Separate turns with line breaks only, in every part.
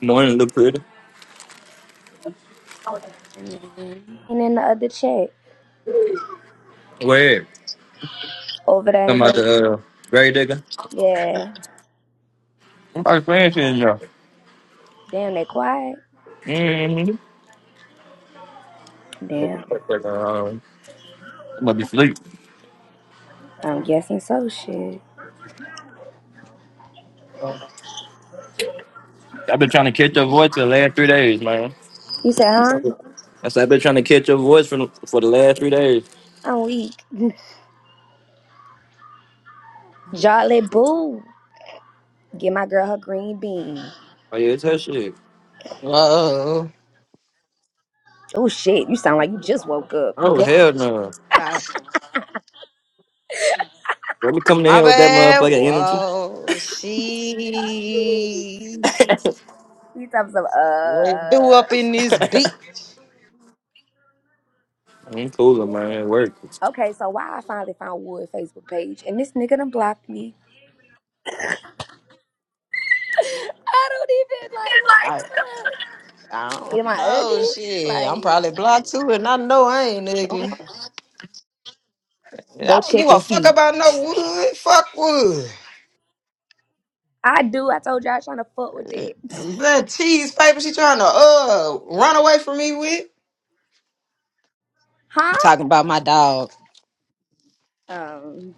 Morning, look Lupita.
And then the other chick
Where?
over there in
Talking about
Great.
the uh, grave digger?
Yeah.
I'm probably playing shit in there.
Damn, they quiet.
Mm-hmm.
Damn.
Um, I'm gonna be asleep.
I'm guessing so. Shit.
I've been trying to catch your voice for the last three days, man.
You said, huh?
I said I've been trying to catch your voice for for the last three days.
I'm weak. Jolly boo. Get my girl her green bean.
Oh yeah, it's her shit.
Whoa.
Oh shit, you sound like you just woke up.
Oh
Go-
hell no.
Her-
Bro, we coming in
My
here with that
bad.
motherfucking energy.
Whoa. She
You talking some
what do
uh
up in this beat.
I'm cooler, man. It works.
Okay, so why I finally found Wood Facebook page and this nigga done blocked me. I don't even
I,
like what
I
the fuck. Am
don't
I
know.
ugly?
Shit. I'm
Like
probably blocked too, and I know I ain't ugly. I
go
don't give
check
a
and
fuck
see.
about no wood. Fuck wood.
I do. I told you all I was trying to fuck with
Uh,
it.
That cheese paper she trying to uh run away from me with.
Huh?
Talking about my dog.
Um.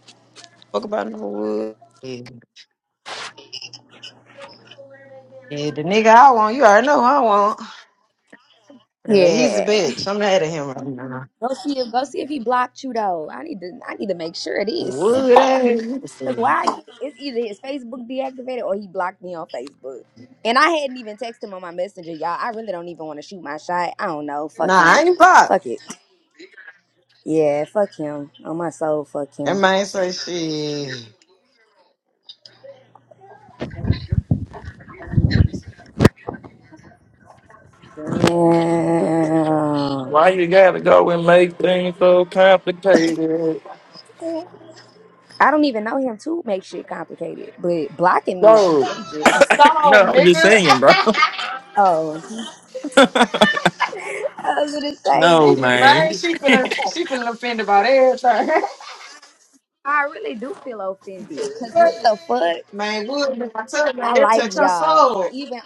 Fuck about no wood. Yeah, the nigga I want, you already know who I want. Uh, He's a
Yeah.
bitch. I'm mad at him right now.
Go see if go see if he blocked you though. I need to I need to make sure it is.
Wood ass.
Cause why it's either his Facebook deactivated or he blocked me on Facebook. And I hadn't even texted him on my messenger, y'all. I really don't even want to shoot my shot. I don't know. Fuck
Nah, I
him.
ain't pop.
Fuck it. Yeah, fuck him. On my soul, fuck
That
him.
man say she.
Damn.
Why you gotta go and make things so complicated?
I don't even know him to make shit complicated, but blocking me is
No.
That's a
outrageous.
no,
song,
I'm just
nigga.
saying, bro.
Oh, I was gonna
No,
say.
man.
Man, she finna, she finna offend about everything.
I really do feel offended. Cause what the fuck?
man, Wood, man, I told you, man,
I
that
like
touch her
y'all.
soul.
Even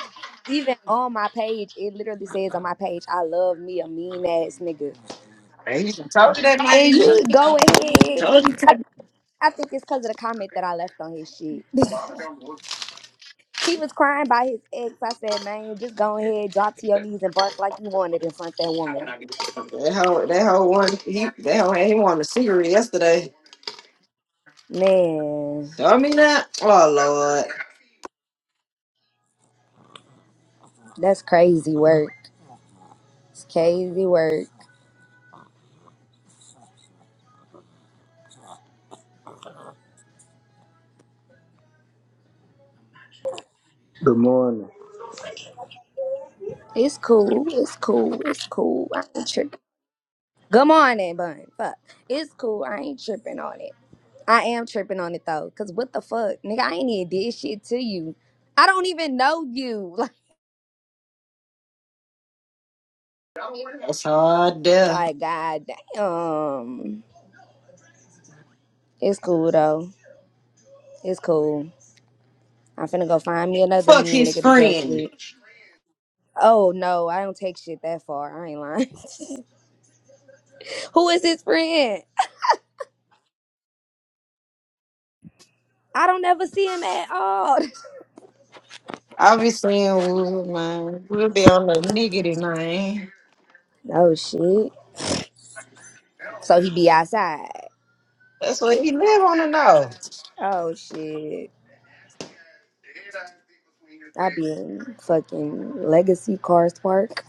even on my page, it literally says on my page, I love me a mean ass nigga.
Man, you done told you that man
And
ain't mean.
you
it.
go ahead.
Told you. That
I think it's because of the comment that I left on his shit. he was crying by his ex. I said, man, just go ahead, drop to your knees and bark like you wanted in front of that woman.
That hoe, that hoe one, he, that hoe ain't want a cigarette yesterday.
Man,
Tell me that. Oh Lord,
that's crazy work. It's crazy work.
Good morning.
It's cool. It's cool. It's cool. I'm tripping. Good morning, bun. Fuck. It's cool. I ain't tripping on it. I am tripping on it though. Cause what the fuck? Nigga, I ain't even did shit to you. I don't even know you.
that's hard.
Like,
there.
like god damn. It's cool though. It's cool. I'm finna go find me another
Fuck
mean
his
nigga to joke
friend.
with. Oh no, I don't take shit that far. I ain't lying. Who is his friend? I don't ever see him at all.
I'll be saying woo, man. We'll be on the niggity, man.
oh shit. So he be outside.
That's what he live on to know.
Oh shit. I be in fucking Legacy Cars Park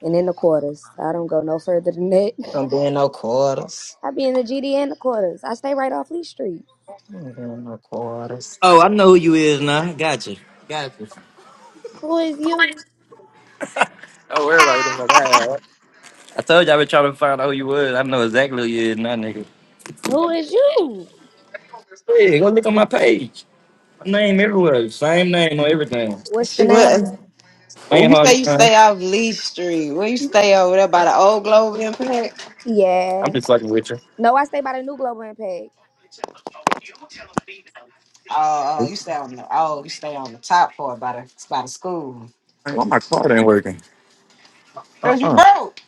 and in the quarters. I don't go no further than that.
Don't be in no quarters.
I be in the GD and the quarters. I stay right off Lee Street.
Don't be in no quarters.
Oh, I know who you is now. Gotcha. Gotcha.
Who is you?
Oh, everybody doesn't know that. I told you I been trying to find out who you was. I know exactly who you is now, nigga.
Who is you?
Hey, go look on my page. My name everywhere. Same name on everything.
What's the
she went.
name?
Oh,
ain't
you
hard
say
to
you
find.
stay off Lee Street. Where you stay over there by the old Globe Impact?
I'm
Yeah.
just fucking with you.
No, I stay by the new Global Impact.
Oh, oh, you stay on the. Oh, you stay on the top floor by the by the school.
Why my card ain't working?
Cause you
Uh-uh.
broke.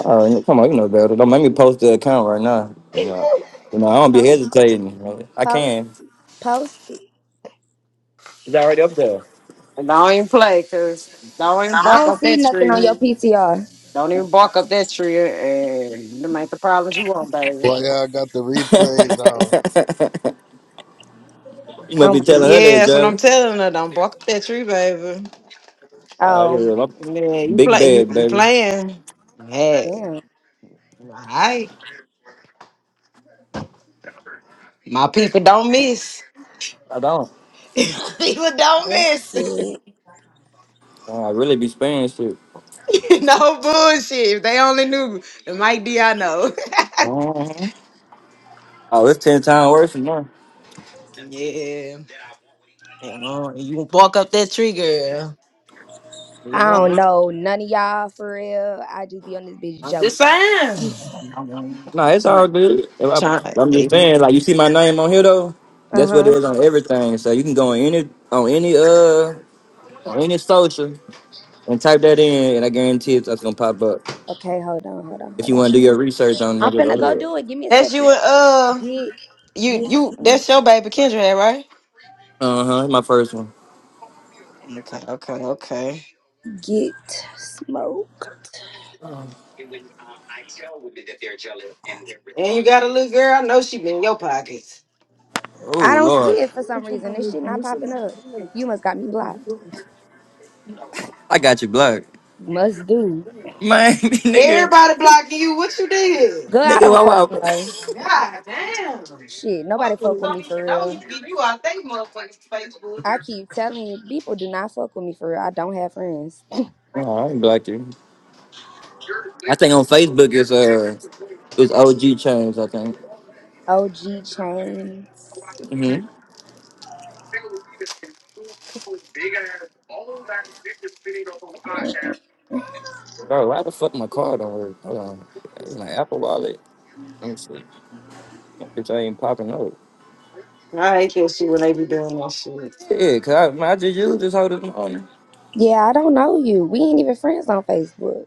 Oh, yeah, come on, you know better. Don't make me post the account right now. You know, you know, I don't be
Post,
hesitating. You know. I
post,
can.
post. it.
It's already up there.
And don't even play. Cause don't even
I
bark
don't
up
see
that
nothing on
tree.
your PTR.
Don't even bark up that tree, and them ain't the problems you want, baby.
Why y'all got the replays on?
you must be telling
Um,
her
Yeah,
that,
that's what I'm
Jolly.
telling her. Don't bark at that tree, baby.
Oh yeah,
oh,
my
Yeah, you
big
play you
bad
you
baby.
playing. Hey,
damn.
all right. My people don't miss.
I don't.
people don't
That's
miss.
it.
Uh, I really be sparing shit.
no bullshit. If they only knew the Mike D I know.
Uh-huh. Oh, it's ten times worse than that.
yeah. You know, you gonna bark up that tree, girl. You
I
know,
don't know none of y'all for real. I just be on this bitch
I'm just
joking.
saying.
Nah, it's all good. If I,
Trying,
I'm just saying, like you see my name on here though.
Uh
That's what it
huh.
is on everything. So you can go on any on any uh on any social and type that in, and I guarantee it's, it's gonna pop up.
Okay, hold on, hold on,
If
hold
you
on.
want to do your research on
I'm
nigga, go
finna go
ahead.
do it. Give me a
that's
second.
you and uh
Get
you
get
you that's
smoked.
your baby Kendra, right?
Uh huh. My first one.
Okay, okay, okay.
Get smoked.
And you got a little girl. I know she been in your pockets.
Oh
I don't see
lord,
it for some reason. This shit not popping up. You must got me blocked.
I got you blocked,
Must do.
man. nigga,
Everybody blocking you. What you did?
Girl, I
nigga,
don't
wow,
fucking
wow.
know.
God damn. Motherfuckers
Shit, nobody fuck with
don't
me for
even know you.
real.
You out they motherfuckers Facebook.
I keep telling you, people do not fuck with me for real. I don't have friends.
Nah, I ain't blocked you. I think on Facebook it's uh it's OG chains. I think.
OG chains.
Mm-hmm. Bro, why the fuck my card don't work? Hold on, it's my Apple Wallet. Let me see. It's ain't popping up.
I hate that shit when they be doing that shit.
Yeah, cause I, man, I just used this whole this morning.
Yeah, I don't know you. We ain't even friends on Facebook.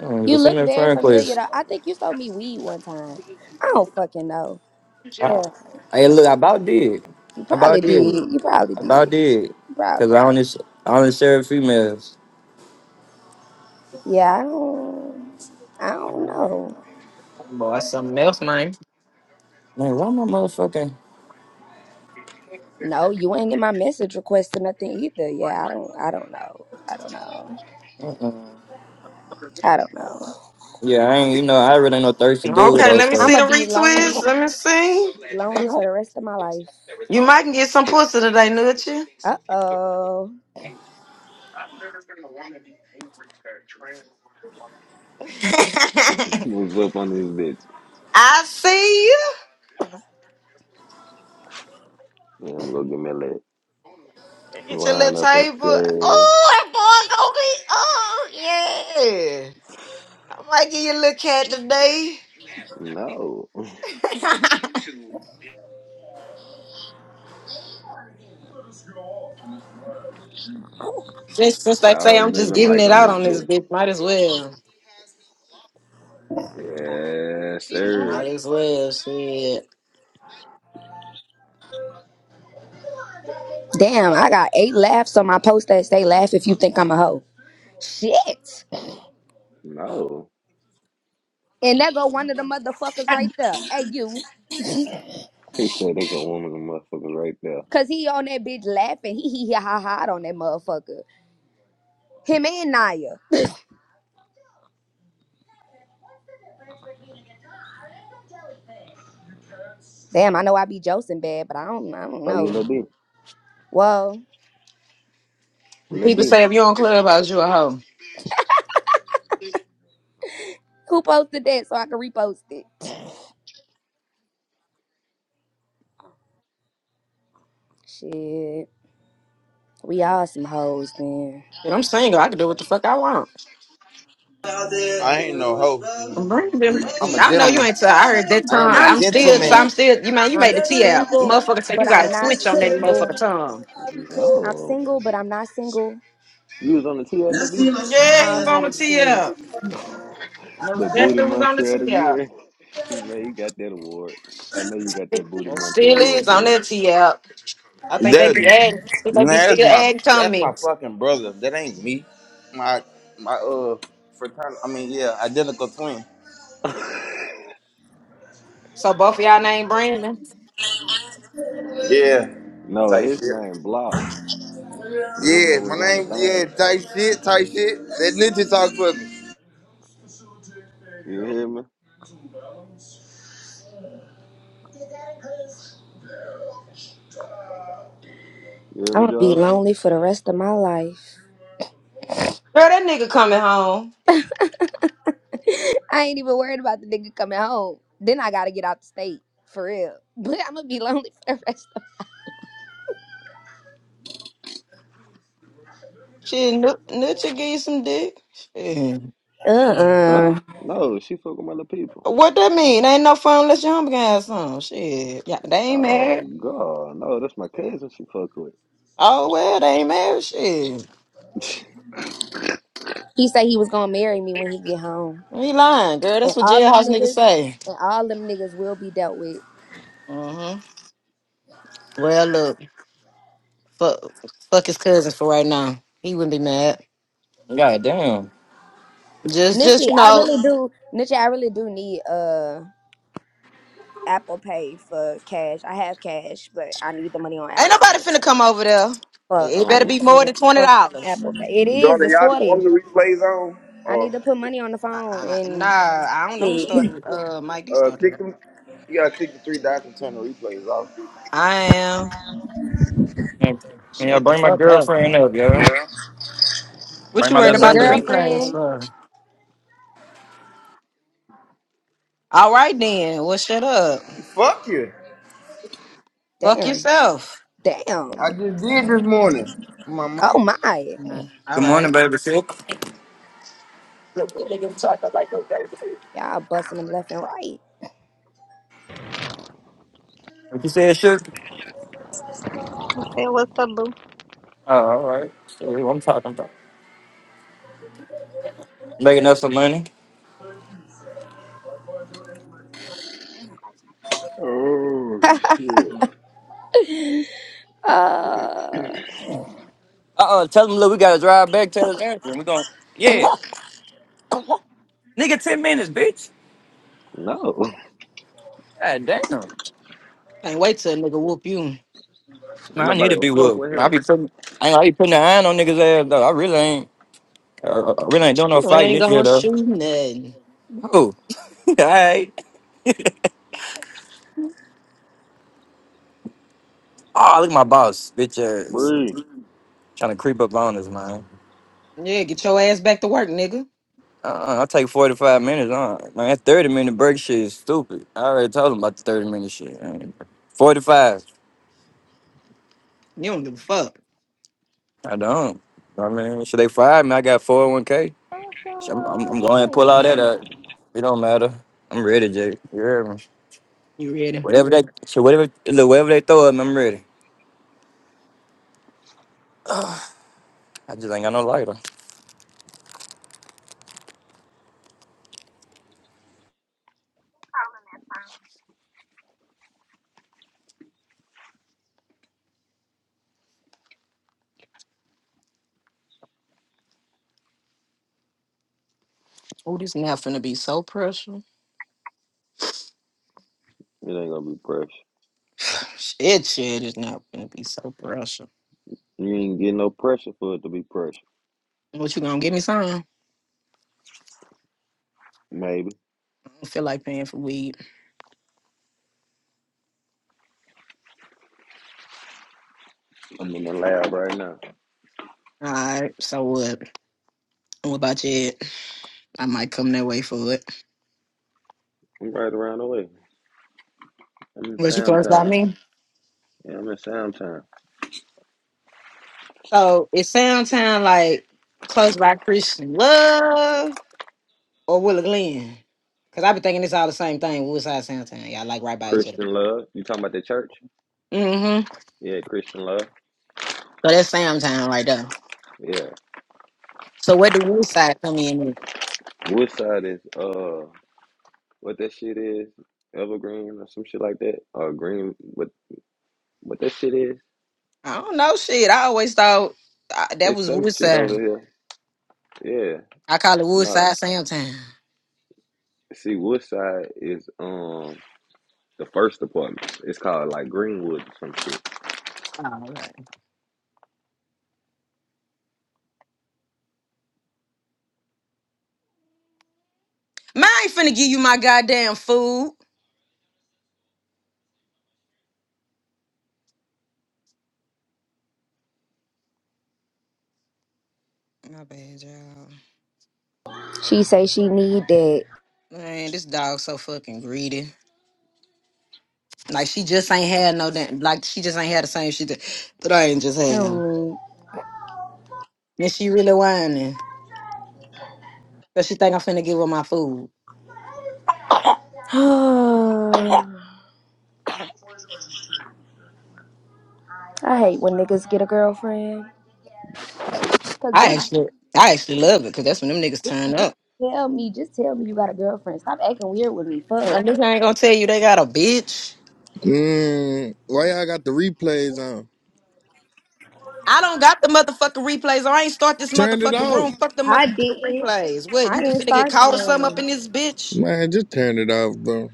Um,
You
just send
look
me a
very
friend
familiar
request.
though. I think you sold me weed one time. I don't fucking know.
I- Hey, look, I about did.
You
I about
probably
did.
did. You probably
I about
did.
did.
You
Cause
probably
I
did.
only s- I only serve females.
Yeah, I don't I don't know.
Boy, something else, man.
Man, why my motherfucking?
No, you ain't in my message request or nothing either. Yeah, I don't I don't know. I don't know.
Uh-uh.
I don't know.
Yeah, I ain't. You know, I really ain't no thirsty dude
Okay,
though.
let me
So,
see
I'ma
the
be
retweets.
lonely,
Let me see.
lonely for the rest of my life.
You might can get some pussy today, Nutcha.
Uh oh.
What's up on this bitch?
I see
Yeah, I'm gonna get me a leg.
Get your little
Line up and
table.
say
Oh, that boy gonna be. Oh, yeah. I might give you a little cat today.
no.
Just since
What
they say
y'all
I'm
living
just giving
like
it
on
out
this
on this
bitch?
bitch, might as well.
Yes,
Might
sir.
as well, shit.
Damn, I got eight laughs on my post that say laugh if you think I'm a hoe. Shit.
No.
And there go one of the motherfuckers right there. Hey you.
He said they got woman and motherfuckers right there.
Cause he on that bitch laughing. He he he ha ha ha on that motherfucker. Him and Naya. Damn, I know I be josting bad, but I don't I don't
Oh, you
know.
Lil B?
Well,
Lil
People
B?
say if you on Clubhouse, you a hoe.
who posted that so I can repost it? Shit. We all some hoes then.
And I'm single, I can do what the fuck I want.
I ain't no hoe.
Bring them.
I'm a
I know you
gentleman.
ain't. T- I heard that
I
tongue.
am a
I'm
I'm still. I'm
single.
gentleman.
still. You know, you
I'm
made the
That,
T out.
single,
Motherfucker said
but
you got
I'm
a
not
switch on that motherfucker
single.
tongue.
I'm
No.
single, but I'm not single.
You was on the TL, Lil B?
Yeah,
I
you
don't
was
know how
on
to
the T
explain it.
out. No,
the Booty
Jester was on the
Muncher of the
T out.
Year. He made, he got that award. I know you got
It
that Booty Muncher
still
award,
is on
bitch.
that T app. I think they be adding, think they
nah,
be
that's
still
my
adding
that's my
comments.
fucking brother. That ain't me. My my uh fraternal. I mean yeah, identical twin.
So both of y'all name Brandon.
Yeah,
No,
type
his
shit.
name Blocks, the one
Yeah,
that
my
was on the
name yeah
thing.
type shit type shit. That ninja talk for me.
You hear me? You hear
I'm
me,
gonna be
Joel?
lonely for the rest of my life.
Girl, that nigga coming home.
I ain't even worried about the nigga coming home. Then I gotta get out the state. For real. But I'm gonna be lonely for the rest of
Shit, Nut- Nutcha give you some dick. Shit.
Uh
Huh?
uh
No, she fuck with my little people.
What that mean? Ain't no fun unless your homie got some. Shit. Yeah, they ain't married.
Oh god, no, that's my cousin she fuck with.
Oh, well, they ain't married. Shit.
He said he was gonna marry me when he get home.
He lying, girl.
And
That's what
all them
jailhouse niggas
niggas
say.
and all them niggas will be dealt with.
Mm-hmm. Well, look, fuck, fuck his cousins for right now. He wouldn't be mad.
god damn.
Just, just
Nitchie,
you
I
know,
really do Nitchie, I really do need uh Apple Pay for cash. I have cash, but I need the money on
Ain't
Apple Pay.
nobody finna come over there.
Fuck.
It
I
better
oh,
need
be
the
more
money
than
on
twenty
fucking
dollars.
Apple Pay. It is,
Jordan,
it's
y'all be
forty.
wanting the replays on
I need to
or?
put money on the
Uh,
phone
uh, nah,
and
I don't know who
shit.
started. Uh, Mike D
Uh,
started.
click
it.
them. You gotta click the three dots and turn the replays off.
I am.
Man, man, y'all
Shut the
bring my
fuck up.
girlfriend up, yo.
What
Bring
you
my
worried
little
That's your
about the
baby up.
replays
girlfriend.
for? All right then. Well, shut up.
Fuck you!
Fuck
Damn.
yourself.
Damn.
I just did this morning. My
Oh
mama.
my.
Mm, All
Good morning,
right.
baby. Shook.
Y'all busting them left and right.
What you said, Shook?
Hey, what's up, boo?
Oh, all right. See what I'm talking about. Making up some money.
oh shit.
Uh
Uh uh Tell them, look, we got to drive back to this answer. We're going, yeah. Nigga, 10 minutes, bitch.
No.
God damn.
Can't wait till a nigga whoop you.
Man,
Ain't
I need
nobody
to
gonna
be
fuck
with.
with
I
him.
be putting, I ain't I be putting the iron on niggas' ass, though. I really ain't. uh, I really ain't doing no
You
fighting
ain't
this year,
gonna
though.
shoot nothing.
Oh, all right. Oh, look at my boss, bitch ass.
Bree.
Trying to creep up on us, man.
Yeah, get your ass back to work, nigga.
Uh, I take forty five minutes on man. That thirty minute break shit is stupid. I already told them about the thirty minute shit. Forty five.
You don't give a fuck.
I don't. I mean, should they fire me? I got four hundred one k. Shit, I'm, I'm, I'm going to pull all that up. It don't matter. I'm ready, Jay. You hear me?
You ready?
Whatever they, so whatever, look, whatever they throw at me, I'm ready. I just ain't got no lighter.
Oh, this not finna be so pressure.
It ain't gonna be pressure.
Shit, shit is not finna be so pressure.
You ain't getting no pressure for it to be pressure.
What you gonna give me some? I
Maybe.
don't feel like paying for weed.
I'm in the lab right now.
All right, so what? What about you? I might come that way for it.
I'm right around the way. I'm in
Was you
Sam
close by
Town.
me?
Yeah, I'm in Sam Town.
So it sounds kind like close by Christian Love or Willow Glen. Cause I've been thinking it's all the same thing. Woodside, Soundtown, y'all like right by each other.
Christian love. You talking about the church?
Mm-hmm.
Yeah, Christian love.
So that's Soundtown right there.
Yeah.
So where do Woodside come in? at?
Which side is uh what that shit is, evergreen or some shit like that, or green. What what that shit is?
I don't know. Shit, I always thought uh, that
It's
was
some shit
Woodside.
over here. Yeah,
I call it
no.
Woodside Soundtown.
See, Woodside is um the first apartment. It's called like Greenwood or some shit.
Oh, okay. Man, I ain't finna give you my goddamn food. My bad, y'all.
she say she need that.
Man, this dog so fucking greedy. Like she just ain't had no damn. Like she just ain't had the same shit that, that I ain't just
I
had.
don't
And she really whining because she think I'm finna give her my food.
need I hate when niggas get a girlfriend. Cause
I
bitch,
actually, I actually love it because that's when them niggas turn up.
tell me, just tell me you got a girlfriend. Stop acting weird with me.
That
Fuck.
nigga ain't gonna tell you they got a bitch.
Mm, why y'all got the replays on?
I don't got the motherfucking replays. Or I ain't start this
Turn it
motherfucking
off.
room. Fuck the
I
motherfucking
didn't.
replays. What
I
you
didn't
finna get
start the
caught or something up
room.
in this bitch?
Man, just turn it off, bro.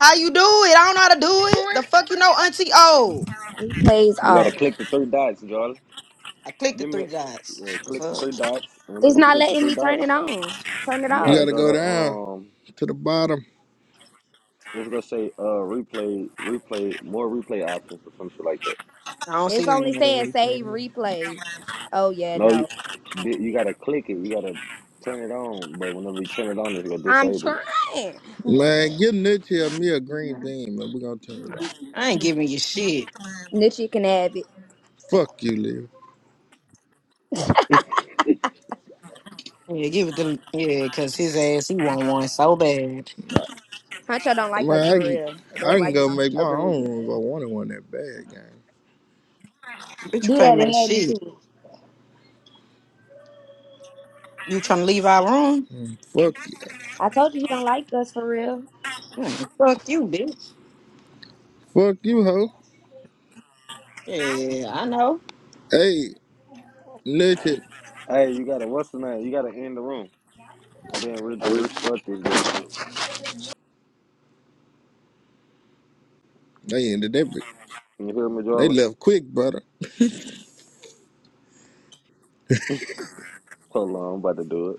How you do it? I don't know how to do it. The fuck you know, Auntie O.
Replays
You gotta
off.
click the three dots, Charlie.
I clicked the
Give
three
me, yeah,
dots. The
click the
fuck?
three dots. And whenever
It's
you
not
click the
letting
three
me turn
dots,
it on. Turn it
you
You
gotta
off.
gotta
go to
go down
um.
to the bottom.
It's gonna say uh replay, replay, more replay options or some shit like that.
I don't see
It's
no
only
more
saying save
replay.
replay. Oh yeah,
No, you
no.
you gotta click it. You gotta turn it on. But whenever you turn it on, it's gonna
I'm
disable it.
trying.
Man, give Nitya me a green bean, man. We're gonna turn it off.
I ain't giving you shit.
Nitchy can have it.
Fuck you, Leo.
Yeah, give it to yeah, cause his ass he want one so bad.
Huncho don't like us
Man, I
for
can,
real.
I
That's why
can
you
go
don't
make my
agree with
own
me.
room if I wanted one that bad, gang.
Bitch, you
Do
can't
that and
make
add me to
shit.
it.
You trying to leave our room?
Fuck you.
I told you he don't like us for real.
Man, fuck you, bitch.
Fuck you, ho.
Yeah, I know.
Hey, Nitya.
Hey, you gotta what's the name? You gotta end the room and then re- restart this bitch.
They ended that.
You hear me,
They
Jola?
left quick, brother.
Hold on, I'm about to do it.